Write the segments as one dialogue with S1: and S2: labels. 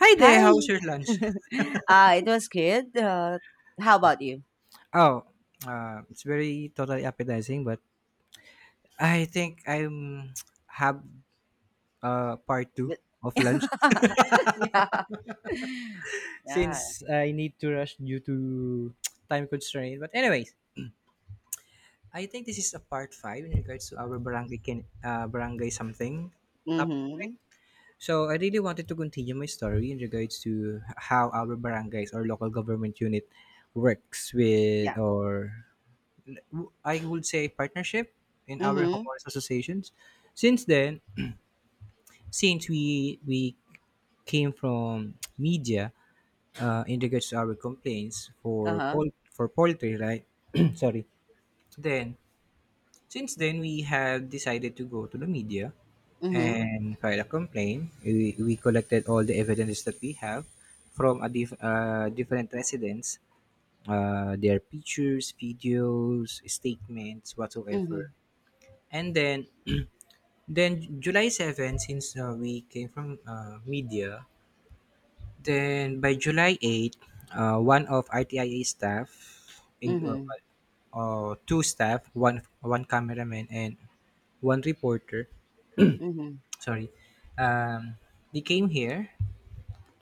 S1: Hi there,
S2: Hi.
S1: how's your lunch?
S2: It was good. How about you?
S1: Oh, it's very totally appetizing, but I think I'm have part two of lunch
S2: Yeah. Yeah.
S1: since I need to rush due to time constraint. But anyways, I think this is a part five in regards to our barangay can barangay something topic, right?
S2: Mm-hmm.
S1: So I really wanted to continue my story in regards to how our barangays or local government unit works with
S2: Yeah.
S1: or I would say partnership in our
S2: Mm-hmm.
S1: homeowners associations. Since then, since we came from media in regards to our complaints for
S2: Uh-huh.
S1: for poultry, right? Sorry. Then since then we have decided to go to the media
S2: Mm-hmm.
S1: and file a complaint. We collected all the evidence that we have from different residents, their pictures, videos, statements,
S2: Mm-hmm.
S1: whatsoever. And then then July 7, since we came from media, then by July 8, one of RTIA staff, in, uh,
S2: Mm-hmm.
S1: two staff, one cameraman and one reporter,
S2: Mm-hmm.
S1: sorry, um, they came here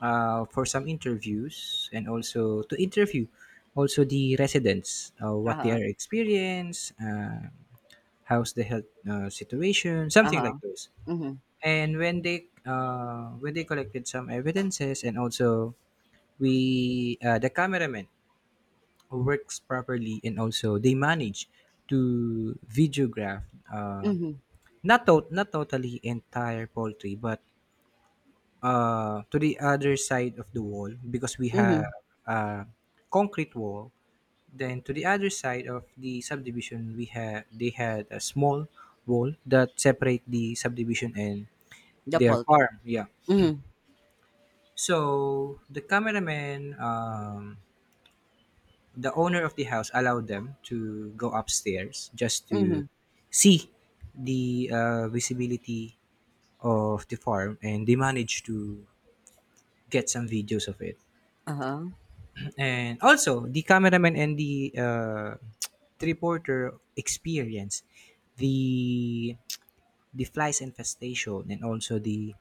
S1: for some interviews and also to interview also the residents, what they
S2: Uh-huh.
S1: are experience, how's the health situation, something
S2: Uh-huh.
S1: like those.
S2: Mm-hmm.
S1: And when they collected some evidences, and also we the cameraman works properly and also they manage to videograph uh,
S2: Mm-hmm.
S1: not totally entire poultry but to the other side of the wall, because we have
S2: Mm-hmm.
S1: a concrete wall. Then to the other side of the subdivision, we had they had a small wall that separate the subdivision and
S2: The
S1: their
S2: poultry.
S1: farm, yeah.
S2: Mm-hmm.
S1: So the cameraman, the owner of the house, allowed them to go upstairs just to
S2: Mm-hmm.
S1: see the visibility of the farm, and they managed to get some videos of it.
S2: Uh-huh.
S1: And also, the cameraman and the reporter experienced the flies infestation and also the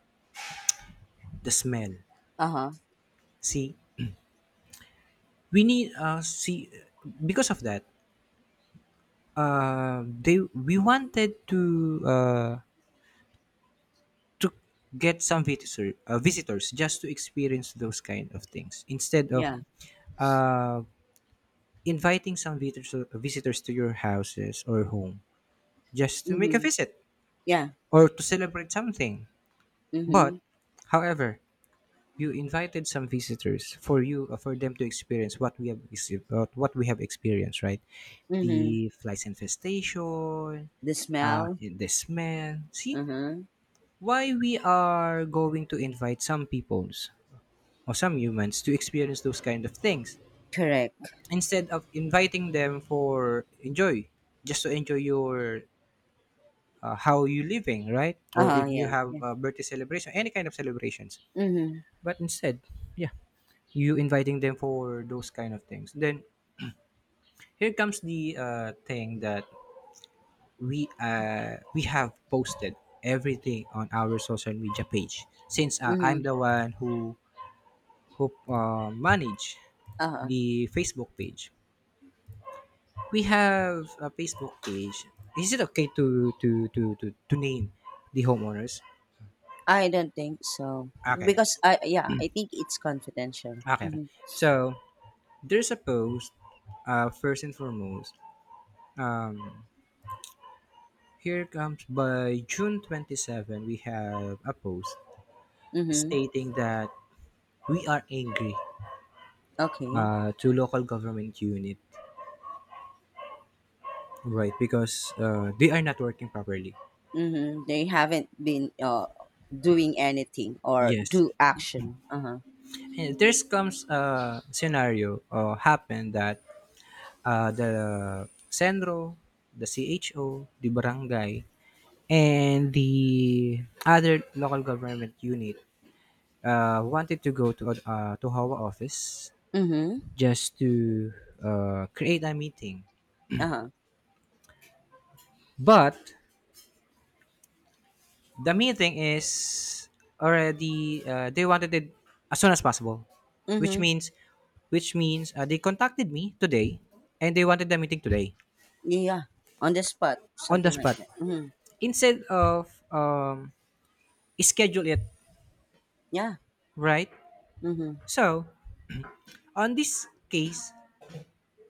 S1: smell.
S2: Uh-huh.
S1: See, we need see, because of that, they we wanted to get some visitor, visitors, just to experience those kind of things, instead of
S2: Yeah.
S1: uh, inviting some visitors to your houses or home, just to make a
S2: Mm-hmm.
S1: visit
S2: Yeah.
S1: or to celebrate something. But
S2: Mm-hmm.
S1: however, you invited some visitors for you for them to experience what we have what we have experienced, right?
S2: Mm-hmm.
S1: The flies infestation,
S2: The smell.
S1: in the smell. See,
S2: Uh-huh.
S1: why we are going to invite some peoples or some humans to experience those kind of things,
S2: Correct.
S1: instead of inviting them for enjoy, just to enjoy your how you living, right? Or
S2: Uh-huh.
S1: if you
S2: Yeah.
S1: have
S2: Yeah.
S1: a birthday celebration, any kind of celebrations,
S2: Mm-hmm.
S1: but instead, yeah, you inviting them for those kind of things. Then here comes the thing that we have posted everything on our social media page, since I'm
S2: Mm-hmm.
S1: the one who manage
S2: Uh-huh.
S1: the Facebook page. We have a Facebook page. Is it okay to to name the homeowners?
S2: I don't think so.
S1: Okay,
S2: Because I, yeah, I think it's confidential.
S1: okay.
S2: Mhm.
S1: So there's a post. First and foremost, um, here comes by June 27. We have a post
S2: Mhm.
S1: stating that we are angry
S2: Okay.
S1: to local government unit, right? Because they are not working properly.
S2: Mhm. They haven't been doing anything or
S1: Yes.
S2: do action. Uh-huh.
S1: And there's comes a scenario or happen that the Senro, the CHO, the barangay, and the other local government unit wanted to go to Hawa office
S2: Mhm.
S1: just to create a meeting.
S2: Uh-huh.
S1: But the meeting is already they wanted it as soon as possible, which
S2: Mhm.
S1: means they contacted me today and they wanted the meeting today.
S2: Yeah. On the spot,
S1: On the
S2: something like
S1: spot,
S2: that. Mhm.
S1: instead of schedule it,
S2: Yeah.
S1: right?
S2: Mhm.
S1: So, on this case,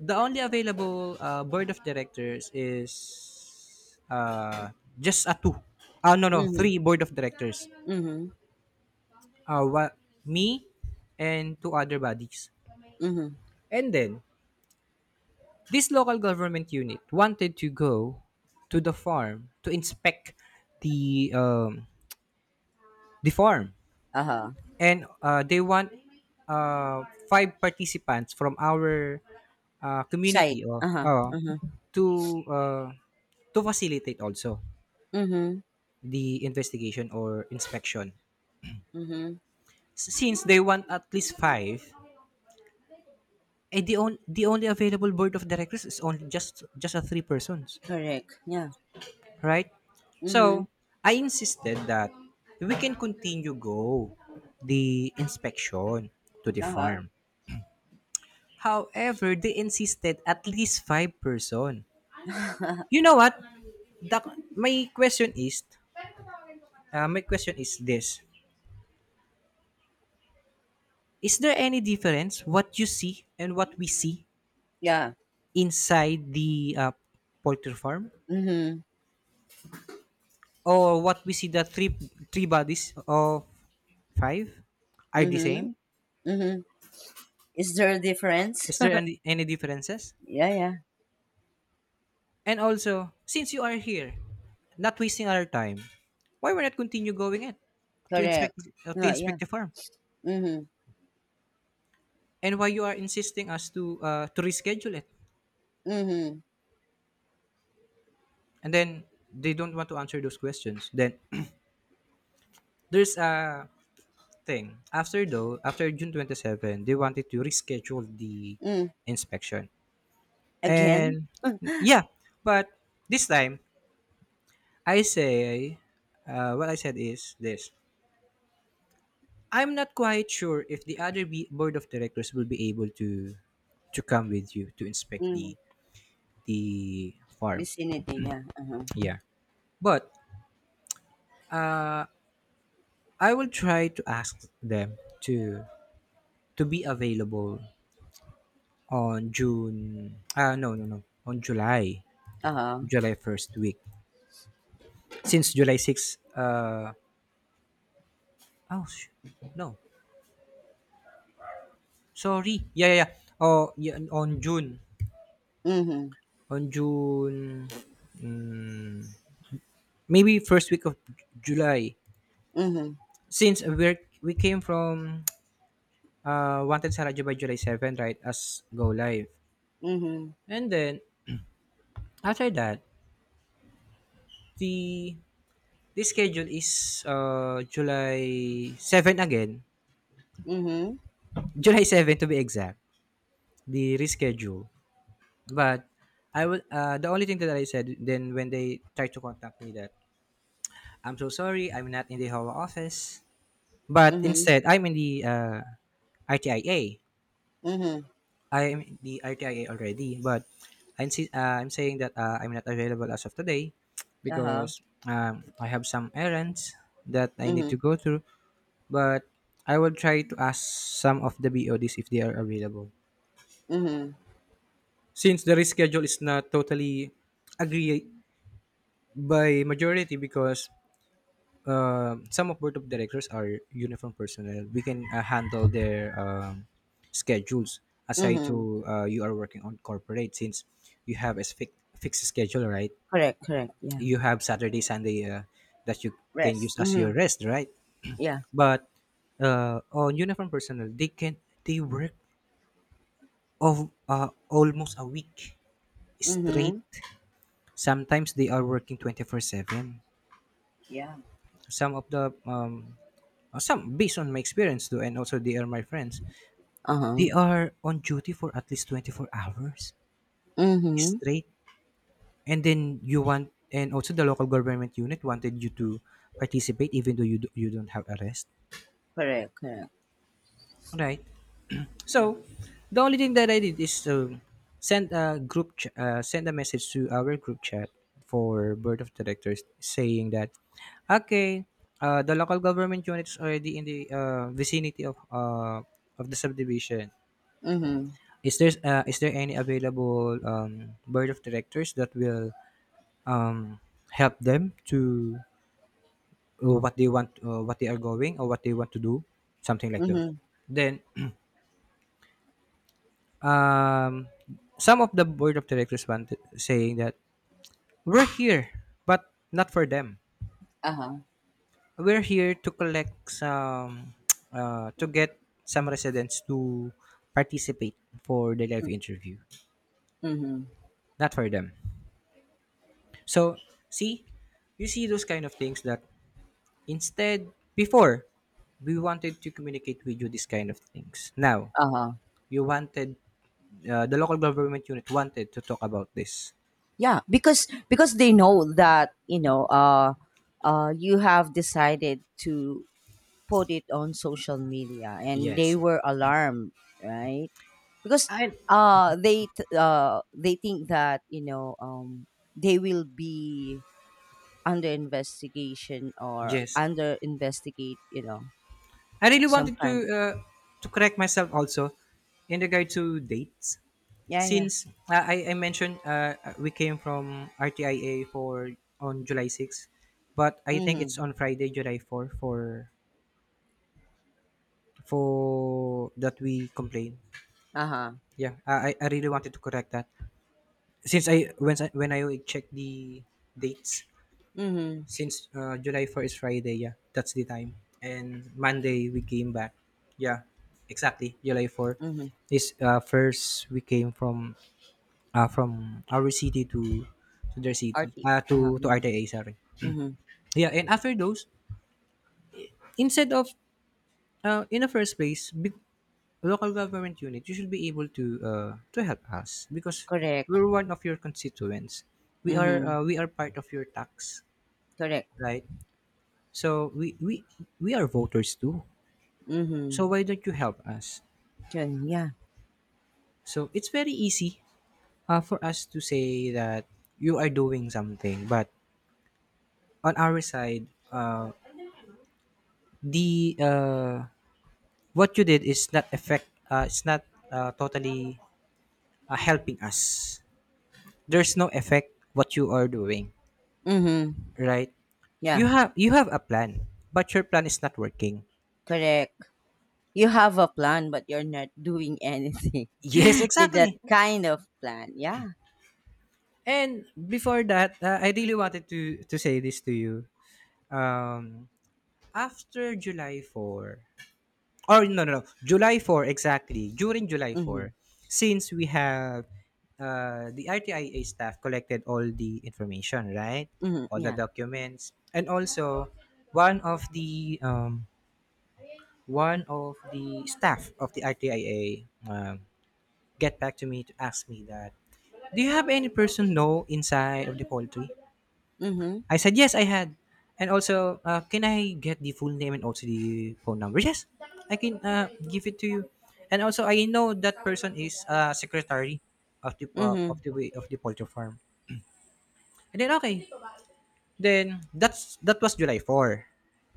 S1: the only available board of directors is just a two. No, no,
S2: Mhm.
S1: three board of directors.
S2: Mhm.
S1: Uh, wa- me and two other bodies.
S2: Mhm.
S1: And then, this local government unit wanted to go to the farm to inspect the um, the farm,
S2: Uh-huh.
S1: and they want five participants from our
S2: Side.
S1: community, or
S2: Uh-huh. Mhm.
S1: to uh, to facilitate also
S2: Mhm.
S1: the investigation or inspection.
S2: Mhm.
S1: Since they want at least five, the only available board of directors is only just a three persons,
S2: Correct. Yeah.
S1: right?
S2: Mhm.
S1: So I insisted that we can continue go the inspection to the
S2: Uh-huh.
S1: farm. However, they insisted at least five person. You know what? The, my question is, my question is this: Is there any difference what you see and what we see
S2: Yeah.
S1: inside the poultry farm,
S2: Mhm.
S1: or what we see? The three bodies of five are the
S2: Mhm.
S1: same?
S2: Mhm. Is there a difference?
S1: Is there any differences?
S2: Yeah, yeah,
S1: And also, since you are here, not wasting our time, why we not continue going it
S2: correct.
S1: to
S2: Oh, yeah.
S1: inspect the farm?
S2: Mm-hmm.
S1: And why you are insisting us to reschedule it?
S2: Mm-hmm.
S1: And then they don't want to answer those questions. Then there's a thing after, though, after june 27 they wanted to reschedule the
S2: Mm.
S1: inspection.
S2: Again?
S1: And yeah, but this time I say, what I said is this: I'm not quite sure if the other board of directors will be able to come with you to inspect
S2: Mm.
S1: the farm,
S2: Vicinity, yeah. Uh-huh.
S1: yeah. But I will try to ask them to be available on June. Ah, no, no, no, on July,
S2: Uh-huh.
S1: July first week. Since July 6th, oh, sh- no, sorry, Oh, yeah, on June,
S2: Mm-hmm.
S1: on June, mm, maybe first week of July.
S2: Mm-hmm.
S1: Since we came from Wanted Sarajevo by July 7th, right? As go live,
S2: Mm-hmm.
S1: and then after that, the this schedule is July 7 again.
S2: Mm-hmm.
S1: July 7, to be exact. The reschedule. But I will the only thing that I said then when they tried to contact me that I'm so sorry, I'm not in the Hawa office. But
S2: Mm-hmm.
S1: instead, I'm in the RTIA. I A.
S2: Mm-hmm.
S1: I am in the RTIA already, but I'm saying that I'm not available as of today,
S2: Uh-huh.
S1: because I have some errands that I need
S2: Mm-hmm.
S1: to go through. But I will try to ask some of the BODs if they are available.
S2: Mm-hmm.
S1: Since the reschedule is not totally agreed by majority, because some of board of directors are uniform personnel, we can handle their schedules, aside
S2: Mm-hmm.
S1: to you are working on corporate, since you have a fixed schedule, right?
S2: Correct, correct, yeah.
S1: You have Saturday, Sunday that you can
S2: Rest.
S1: use as
S2: Mm-hmm.
S1: your rest, right?
S2: Yeah.
S1: But on uniform personnel, they can they work of almost a week straight.
S2: Mm-hmm.
S1: Sometimes they are working 24/7.
S2: Yeah.
S1: Some of the some based on my experience though, and also they are my friends. They
S2: Uh-huh.
S1: are on duty for at least 24 hours
S2: Mm-hmm.
S1: straight. And then you want, and also the local government unit wanted you to participate, even though you do, you don't have arrest.
S2: Correct, correct.
S1: Right? So the only thing that I did is to send a send a message to our group chat for board of directors, saying that okay, the local government unit is already in the vicinity of the subdivision.
S2: Mm-hmm.
S1: Is there any available board of directors that will um, help them to what they want, what they are going, or what they want to do, something like those.
S2: Mm-hmm.
S1: Then um, some of the board of directors wanted saying that we're here, but not for them.
S2: Uh-huh.
S1: We're here to collect some, to get some residents to participate for the live interview,
S2: Mm-hmm.
S1: not for them. So see, you see those kind of things that instead, before, we wanted to communicate with you this kind of things. Now
S2: Uh-huh.
S1: you wanted the local government unit wanted to talk about this.
S2: Yeah, because they know that you have decided to put it on social media and they
S1: Yes.
S2: were alarmed, right? Because
S1: And
S2: they think that they will be under investigation or
S1: yes,
S2: under investigate,
S1: I really
S2: some
S1: wanted
S2: kind of
S1: to correct myself also in regard to dates,
S2: Yeah, yeah.
S1: since I mentioned we came from RTIA for on July 6, but I think it's
S2: Mhm.
S1: on Friday, July 4 for that we complain.
S2: Uh-huh.
S1: Yeah, I really wanted to correct that, since I when I checked the dates.
S2: Mhm.
S1: Since July 4 is Friday, yeah, that's the time. And Monday we came back. Yeah, exactly. July 4
S2: Mhm.
S1: is first we came from our city to their city.
S2: RT. Uh-huh.
S1: To
S2: Yeah.
S1: RTA, sorry.
S2: Mhm.
S1: Yeah, and after those, instead of in the first place, big local government unit, you should be able to help us, because
S2: Correct.
S1: we're one of your constituents.
S2: Mhm.
S1: We are part of your tax,
S2: Correct.
S1: right? So we we are voters too.
S2: Mhm.
S1: So why don't you help us?
S2: Yun, yeah.
S1: So it's very easy for us to say that you are doing something, but on our side, uh, the what you did is not effect. It's not totally helping us. There's no effect what you are doing,
S2: Mhm.
S1: right? You
S2: Yeah,
S1: have you have a plan, but your plan is not working.
S2: correct. You have a plan, but you're not doing anything
S1: Yes,
S2: with that
S1: exactly.
S2: kind of plan. Yeah.
S1: And before that, I really wanted to say this to you. Um, After July 4, or no, no, no, July 4, exactly. During July 4,
S2: Mhm.
S1: since we have the RTIA staff collected all the information, right?
S2: Mhm.
S1: All the
S2: Yeah.
S1: documents. And also, one of the um, one of the staff of the RTIA get back to me to ask me that, do you have any person know inside of the poultry?
S2: Mhm.
S1: I said, yes, I had. And also, can I get the full name and also the phone number? Yes, I can give it to you. And also, I know that person is secretary of
S2: Mhm.
S1: the way of the poultry farm. And then okay, then that was July 4.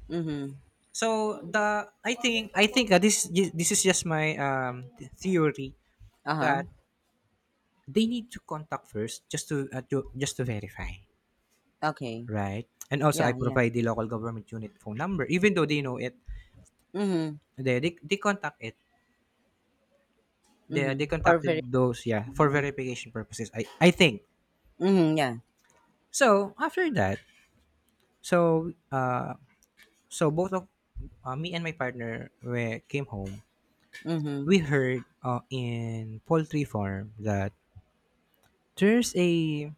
S2: Mhm.
S1: So the I think this is just my theory
S2: Uh huh.
S1: that they need to contact first, just to verify,
S2: Okay.
S1: right? And also, I
S2: Yeah. Yeah.
S1: provide the local government unit phone number, even though they know it.
S2: Mhm.
S1: They contact it. They
S2: Mhm. For
S1: contacted
S2: very.
S1: those, yeah, for verification purposes. I think
S2: Mhm. Yeah.
S1: so. After that, so uh so both of, me and my partner, we came home.
S2: Mhm.
S1: We heard in poultry farm that there's a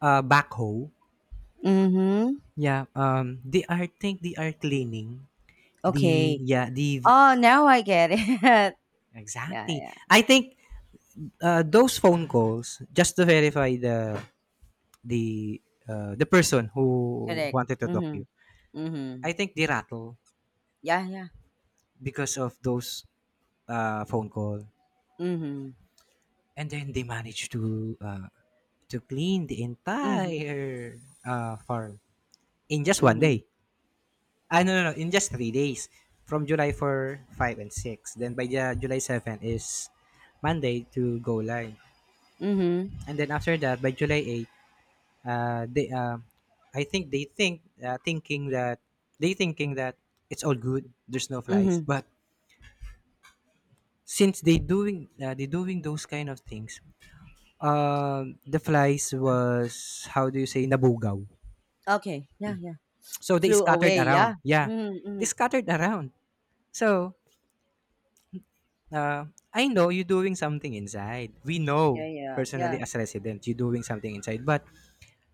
S1: backhoe.
S2: Mhm.
S1: Yeah. They are cleaning the,
S2: Okay.
S1: yeah, the,
S2: Oh, now I get it. Yeah.
S1: exactly.
S2: Yeah.
S1: I think those phone calls just to verify the the person who
S2: Correct.
S1: wanted to talk you.
S2: Mhm.
S1: I
S2: Mhm.
S1: think they rattle
S2: Yeah. Yeah.
S1: because of those phone call,
S2: Mhm.
S1: and then they managed to, clean the
S2: Mhm.
S1: entire farm in just one
S2: Mhm.
S1: day. Ah, no, no, no, in just 3 days, from July 4, 5, and 6. Then by the July 7 is Monday to go live,
S2: Mhm.
S1: and then after that by July 8, they I think they think thinking that they thinking that it's all good. There's no flies,
S2: Mhm.
S1: but since they doing those kind of things, the flies was, how do you say, nabugaw.
S2: Okay. Yeah. Yeah.
S1: So they
S2: Flew
S1: scattered
S2: away,
S1: around.
S2: yeah.
S1: Yeah,
S2: Mhm,
S1: they
S2: mhm.
S1: scattered around. So uh, I know you're doing something inside. We know
S2: Yeah, yeah,
S1: personally
S2: yeah.
S1: as resident you're doing something inside, but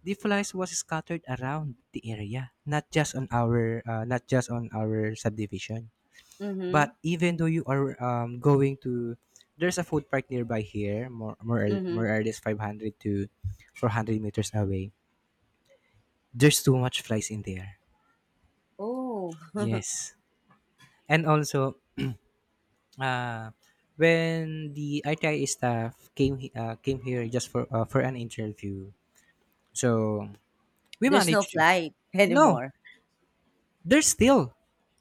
S1: the flies was scattered around the area, not just on our subdivision.
S2: Mhm,
S1: But even though you are going to, there's a food park nearby here,
S2: mhm.
S1: more or less 500 to 400 meters away. There's too much flies in there.
S2: Oh,
S1: Yes, and also, uh, when the ITI staff came, came here just for, for an interview, so we
S2: there's no
S1: managed to.
S2: flight
S1: No,
S2: anymore.
S1: there's still.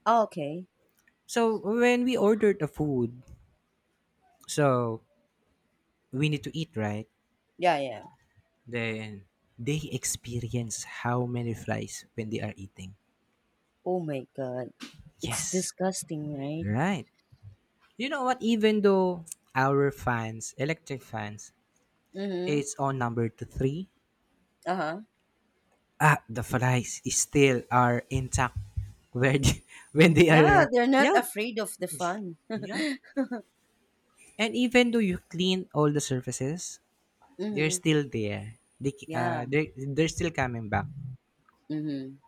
S2: Oh, okay.
S1: So when we ordered the food, so we need to eat, right?
S2: Yeah, yeah.
S1: Then they experience how many flies when they are eating.
S2: Oh my God, it's
S1: Yes,
S2: disgusting, right?
S1: right. You know what? Even though our fans, electric fans,
S2: Mhm.
S1: it's on number to three,
S2: Uh huh.
S1: the flies is still are intact where they- when they
S2: Yeah,
S1: are.
S2: they're not
S1: Yeah,
S2: afraid of the fun.
S1: yeah. And even though you clean all the surfaces, they're
S2: Mhm.
S1: still there. They, c- uh,
S2: Yeah.
S1: they they're still coming back.
S2: Mhm.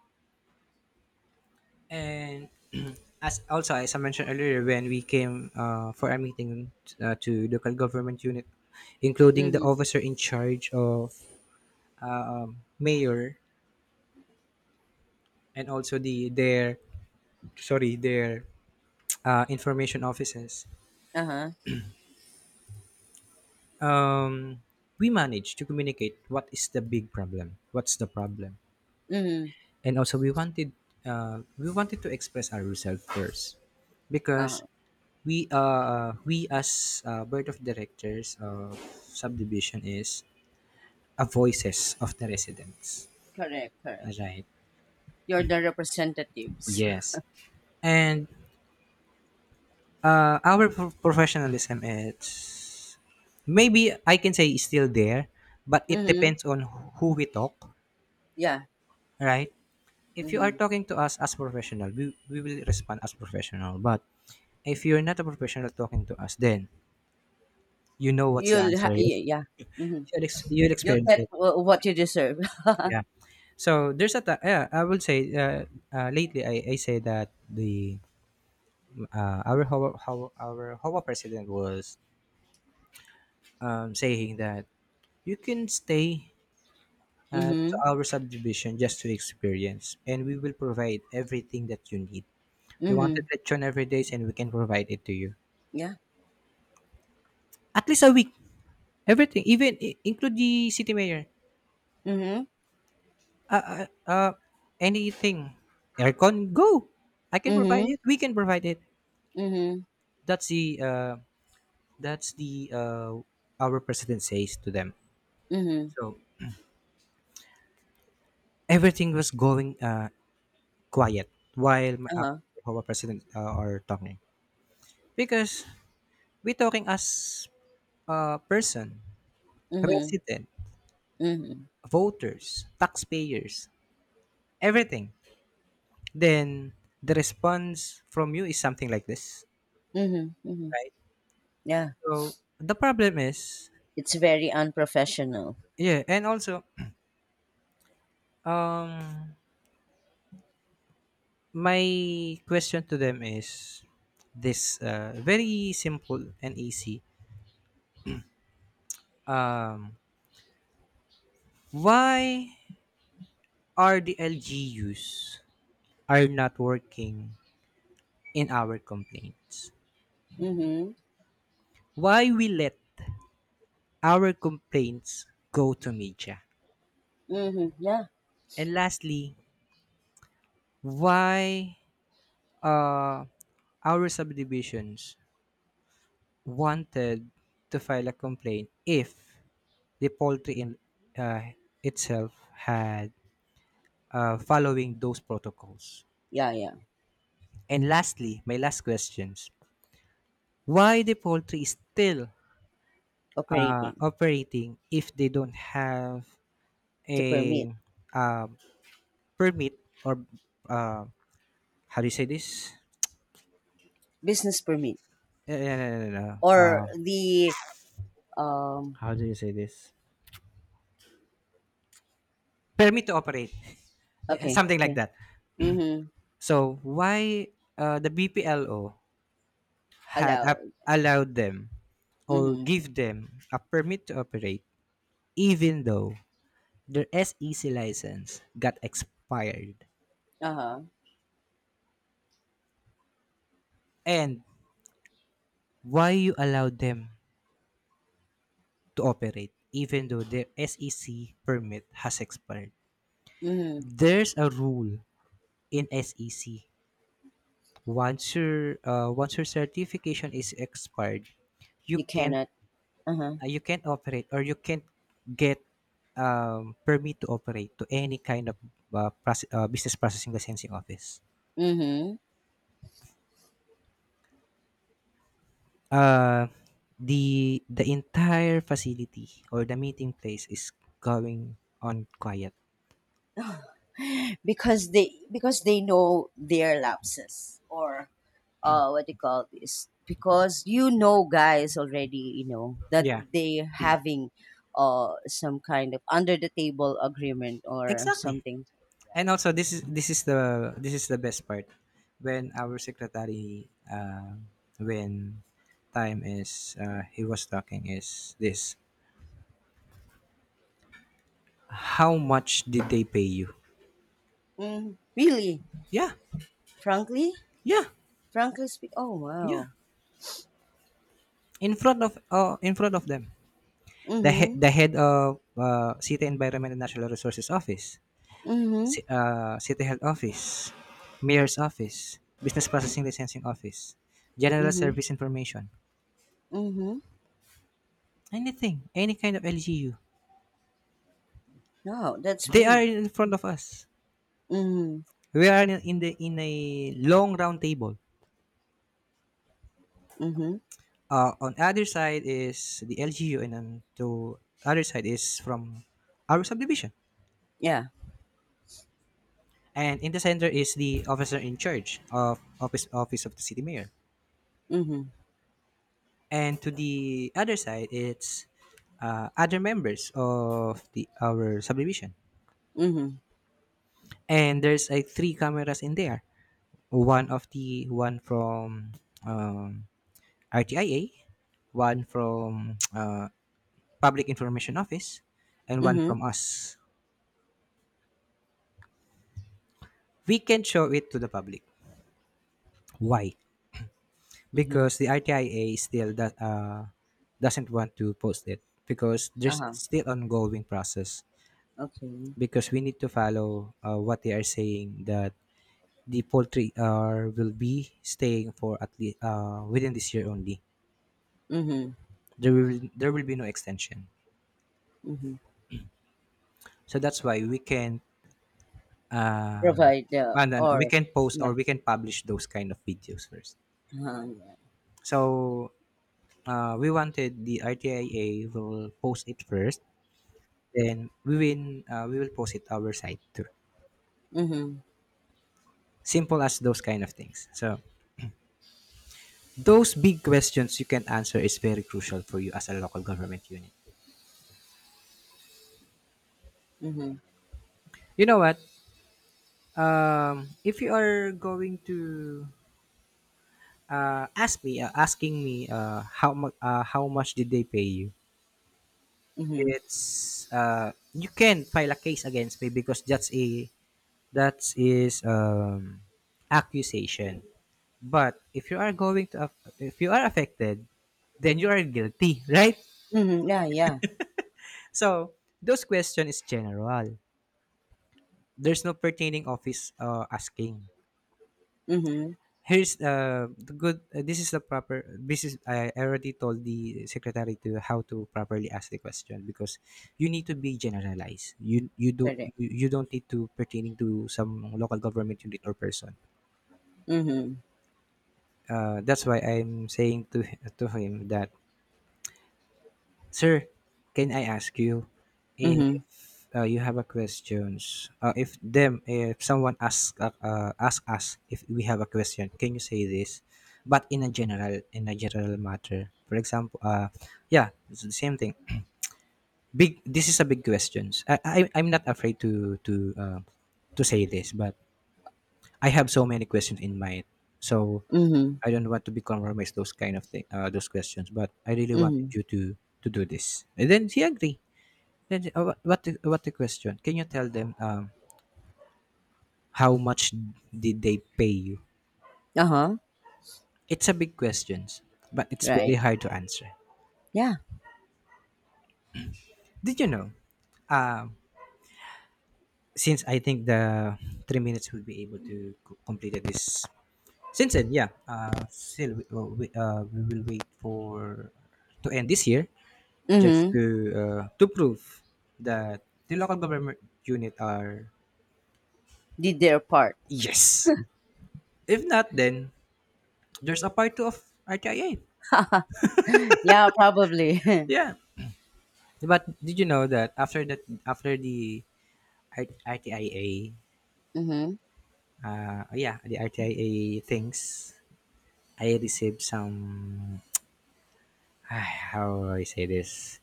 S1: And as I mentioned earlier, when we came for a meeting, to local government unit, including the
S2: Mhm.
S1: officer in charge of, mayor, and also the their sorry their information offices,
S2: Uh huh.
S1: um, we managed to communicate what is the big problem, what's the problem,
S2: Mhm.
S1: and also we wanted to express ourselves first,
S2: Uh
S1: because
S2: huh.
S1: we as, board of directors of subdivision, is a voices of the residents,
S2: Correct. Correct.
S1: right?
S2: You're the representatives.
S1: Yes. And our professionalism is, maybe I can say, is still there, but it
S2: Mm-hmm.
S1: depends on who we talk,
S2: Yeah.
S1: right? If you are
S2: Mm-hmm.
S1: talking to us as professional, we will respond as professional, but if you're not a professional talking to us, then you know what's the answer. Yeah?
S2: Yeah. Yeah. Mm-hmm.
S1: You'll
S2: You'll
S1: experience
S2: get
S1: it.
S2: what you deserve.
S1: Yeah. So there's a yeah, I would say, lately I say that the our our Hawa president was, saying that you can stay, to
S2: Mhm.
S1: our subdivision, just to experience and we will provide everything that you need. You wanted
S2: Mhm.
S1: lechon every day and we can provide it to you.
S2: Yeah.
S1: At least a week. Everything, even include the city mayor.
S2: Mhm.
S1: Uh, uh, uh, Anything. Aircon, go. I can provide
S2: Mhm.
S1: it. We can provide it.
S2: Mhm.
S1: That's the uh, that's the Our president says to them.
S2: Mhm.
S1: So everything was going, quiet while,
S2: Uh-huh.
S1: our president are talking, because we talking as a person,
S2: Mhm.
S1: resident,
S2: Mhm.
S1: voters, taxpayers, everything. Then the response from you is something like this,
S2: Mhm. Mhm.
S1: right?
S2: Yeah.
S1: So the problem is.
S2: It's very unprofessional.
S1: Yeah, and also, um, my question to them is this, very simple and easy. Um, why are the LGUs are not working in our complaints?
S2: Mhm.
S1: Why we let our complaints go to media?
S2: Mhm. Yeah.
S1: And lastly, why uh, our subdivisions wanted to file a complaint if the poultry in, uh, itself had following those protocols.
S2: Yeah, yeah.
S1: And lastly, my last questions: Why the poultry is still
S2: Operating
S1: operating if they don't have
S2: to permit.
S1: a, um, permit, or uh, how do you say this?
S2: Business permit.
S1: No, no, no, no.
S2: Or the um
S1: How do you say this? Permit to operate,
S2: okay,
S1: something like
S2: okay.
S1: that.
S2: Mhm.
S1: So why, the BPLO had up
S2: Allowed.
S1: allowed them or
S2: Mhm.
S1: give them a permit to operate, even though their SEC license got expired.
S2: Uh-huh.
S1: And why you allowed them to operate even though their SEC permit has expired?
S2: Mhm.
S1: There's a rule in SEC. Once your certification is expired, you
S2: You
S1: can't
S2: cannot. Uh-huh.
S1: you can't operate or you can't get, permit to operate to any kind of, business processing licensing office.
S2: Mhm.
S1: Uh, the entire facility or the meeting place is going on quiet.
S2: Because they know their lapses, or what do you call this, because you know guys already, you know that
S1: Yeah,
S2: they having some kind of under the table agreement or
S1: exactly.
S2: something.
S1: And also, this is the best part. When our secretary, when time is, he was talking is this: how much did they pay you?
S2: Mm, really,
S1: Yeah,
S2: frankly
S1: yeah.
S2: frankly speak. Oh,
S1: Yeah,
S2: wow.
S1: in front of them,
S2: Mm-hmm.
S1: the head of, City Environment and Natural Resources Office,
S2: Mm-hmm.
S1: City Health Office, Mayor's Office, Business Processing Licensing Office, General
S2: Mm-hmm.
S1: Service Information,
S2: Mm-hmm.
S1: anything, any kind of LGU,
S2: No, that's
S1: they are
S2: brave.
S1: in front of us.
S2: Mm-hmm.
S1: We are in the, in a long round table.
S2: Mm-hmm.
S1: On other side is the LGU, and on to other side is from our subdivision.
S2: Yeah.
S1: And in the center is the officer in charge of office of the city mayor.
S2: Mm-hmm.
S1: And to the other side it's, other members of the our subdivision.
S2: Mm-hmm.
S1: And there's like three cameras in there, one of the one from, um, RTIA, one from, public information office, and one
S2: Mm-hmm.
S1: from us. We can show it to the public. Why?
S2: Mm-hmm.
S1: Because the ITIA still that, doesn't want to post it because there's
S2: Uh-huh.
S1: still ongoing process.
S2: Okay.
S1: Because we need to follow what they are saying, that the poultry are will be staying for at least, within this year only.
S2: Mm-hmm.
S1: There will be no extension.
S2: Mm-hmm.
S1: So that's why we can, uh,
S2: Provide the
S1: and then we
S2: or.
S1: can post or
S2: Yeah.
S1: we can publish those kind of videos first.
S2: Uh-huh, yeah.
S1: So we wanted the ITIA will post it first. Then we will post it our site too.
S2: Mm-hmm.
S1: Simple as those kind of things. So those big questions you can answer is very crucial for you as a local government unit.
S2: Mm-hmm.
S1: You know what? If you are going to asking me, how much did they pay you?
S2: Mhm.
S1: It's, you can file a case against me because that is, accusation. But if you are going to, if you are affected, then you are guilty, right?
S2: Mhm. Yeah, yeah.
S1: So those question is general. There's no pertaining office, asking.
S2: Mhm.
S1: Here's, the good. This is the proper. This is I already told the secretary to how to properly ask the question, because you need to be generalized.
S2: Correct.
S1: You don't need to pertaining to some local government unit or person.
S2: Mhm.
S1: That's why I'm saying to him that, sir, can I ask you
S2: Mhm.
S1: if, you have a questions? If someone ask, ask us if we have a question, can you say this? But in a general matter, for example, yeah, it's the same thing. Big. This is a big questions. I'm not afraid to say this, but I have so many questions in mind, so
S2: Mhm.
S1: I don't want to be compromised those kind of thing, those questions. But I really wanted
S2: Mhm.
S1: you to do this, and then she agreed. What the question? Can you tell them, how much did they pay you?
S2: Uh-huh.
S1: It's a big question, but it's very
S2: Right.
S1: hard to answer.
S2: Yeah.
S1: Did you know? Um, since I think the 3 minutes will be able to complete this, since then, yeah, still, we will wait for to end this year, just
S2: Mhm.
S1: to prove that the local government unit are.
S2: Did their part.
S1: Yes. If not, then there's a part two of RTIA.
S2: Yeah, probably.
S1: Yeah. But did you know that, after the, RTIA,
S2: Mhm.
S1: oh yeah, the RTIA things, I received some how do I say this,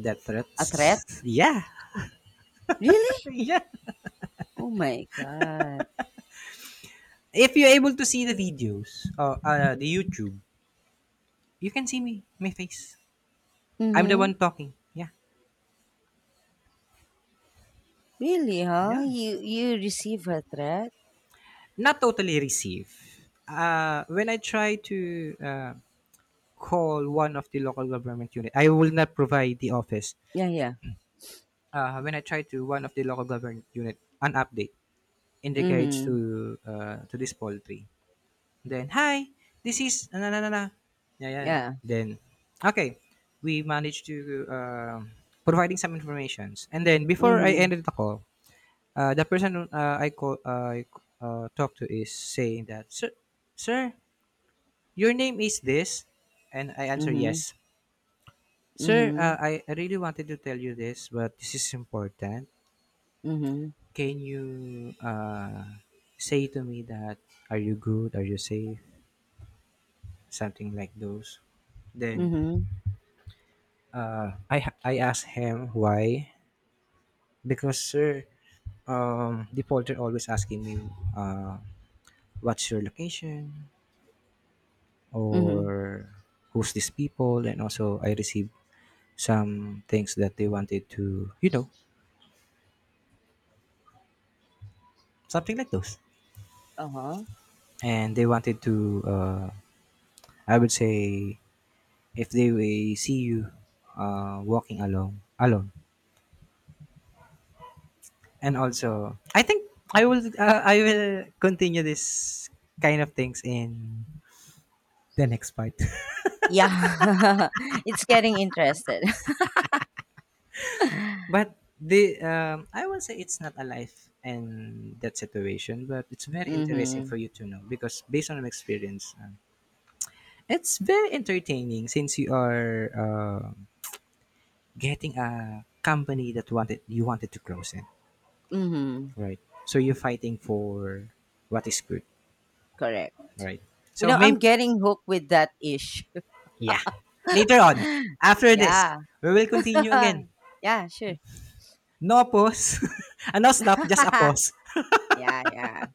S1: death
S2: A threat?
S1: threats. Yeah,
S2: Really?
S1: yeah.
S2: Oh my God.
S1: If you're able to see the videos, the YouTube, you can see me, my face. I'm the
S2: Mhm.
S1: one talking. Yeah.
S2: Really, huh?
S1: Yeah,
S2: You receive a threat?
S1: not totally receive. When I try to, uh, call one of the local government unit, I will not provide the office.
S2: Yeah, yeah.
S1: When I try to one of the local government unit an update in regards
S2: Mhm.
S1: to, this poultry, then hi, this is na na na na, yeah, yeah.
S2: Yeah.
S1: Then okay, we managed to, uh, providing some informations, and then before I
S2: Mhm.
S1: ended the call, the person, I talked to is saying that, sir, sir, your name is this? And I answer,
S2: Mhm.
S1: yes. Sir,
S2: Mhm.
S1: I really wanted to tell you this, but this is important.
S2: Mhm.
S1: Can you, say to me that, are you good? Are you safe? Something like those. Then,
S2: Mhm.
S1: I asked him why. Because, sir, the porter always asking me, uh, what's your location?
S2: Mhm.
S1: Or who's these people? And also, I received some things that they wanted to, something like those,
S2: Uh-huh.
S1: and they wanted to, I would say, if they will see you, walking along alone, and also I think, I will continue this kind of things in the next part.
S2: Yeah. It's getting interested.
S1: But the I will say it's not a life and that situation, but it's very interesting
S2: Mhm.
S1: for you to know, because based on my experience, it's very entertaining since you are, getting a company that wanted to close it,
S2: Mhm.
S1: right? So you're fighting for what is good,
S2: Correct.
S1: right? So
S2: I'm
S1: maybe.
S2: getting hooked with that ish.
S1: Yeah. Later on, after this,
S2: Yeah.
S1: we will continue again.
S2: Yeah, sure.
S1: No pause. And no stop, just a pause.
S2: Yeah, yeah.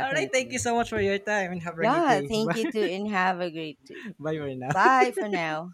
S1: All right, thank you so much for your time and have a great
S2: Yeah,
S1: day.
S2: thank
S1: Bye,
S2: you too and have a great day.
S1: bye for now.
S2: Bye for now.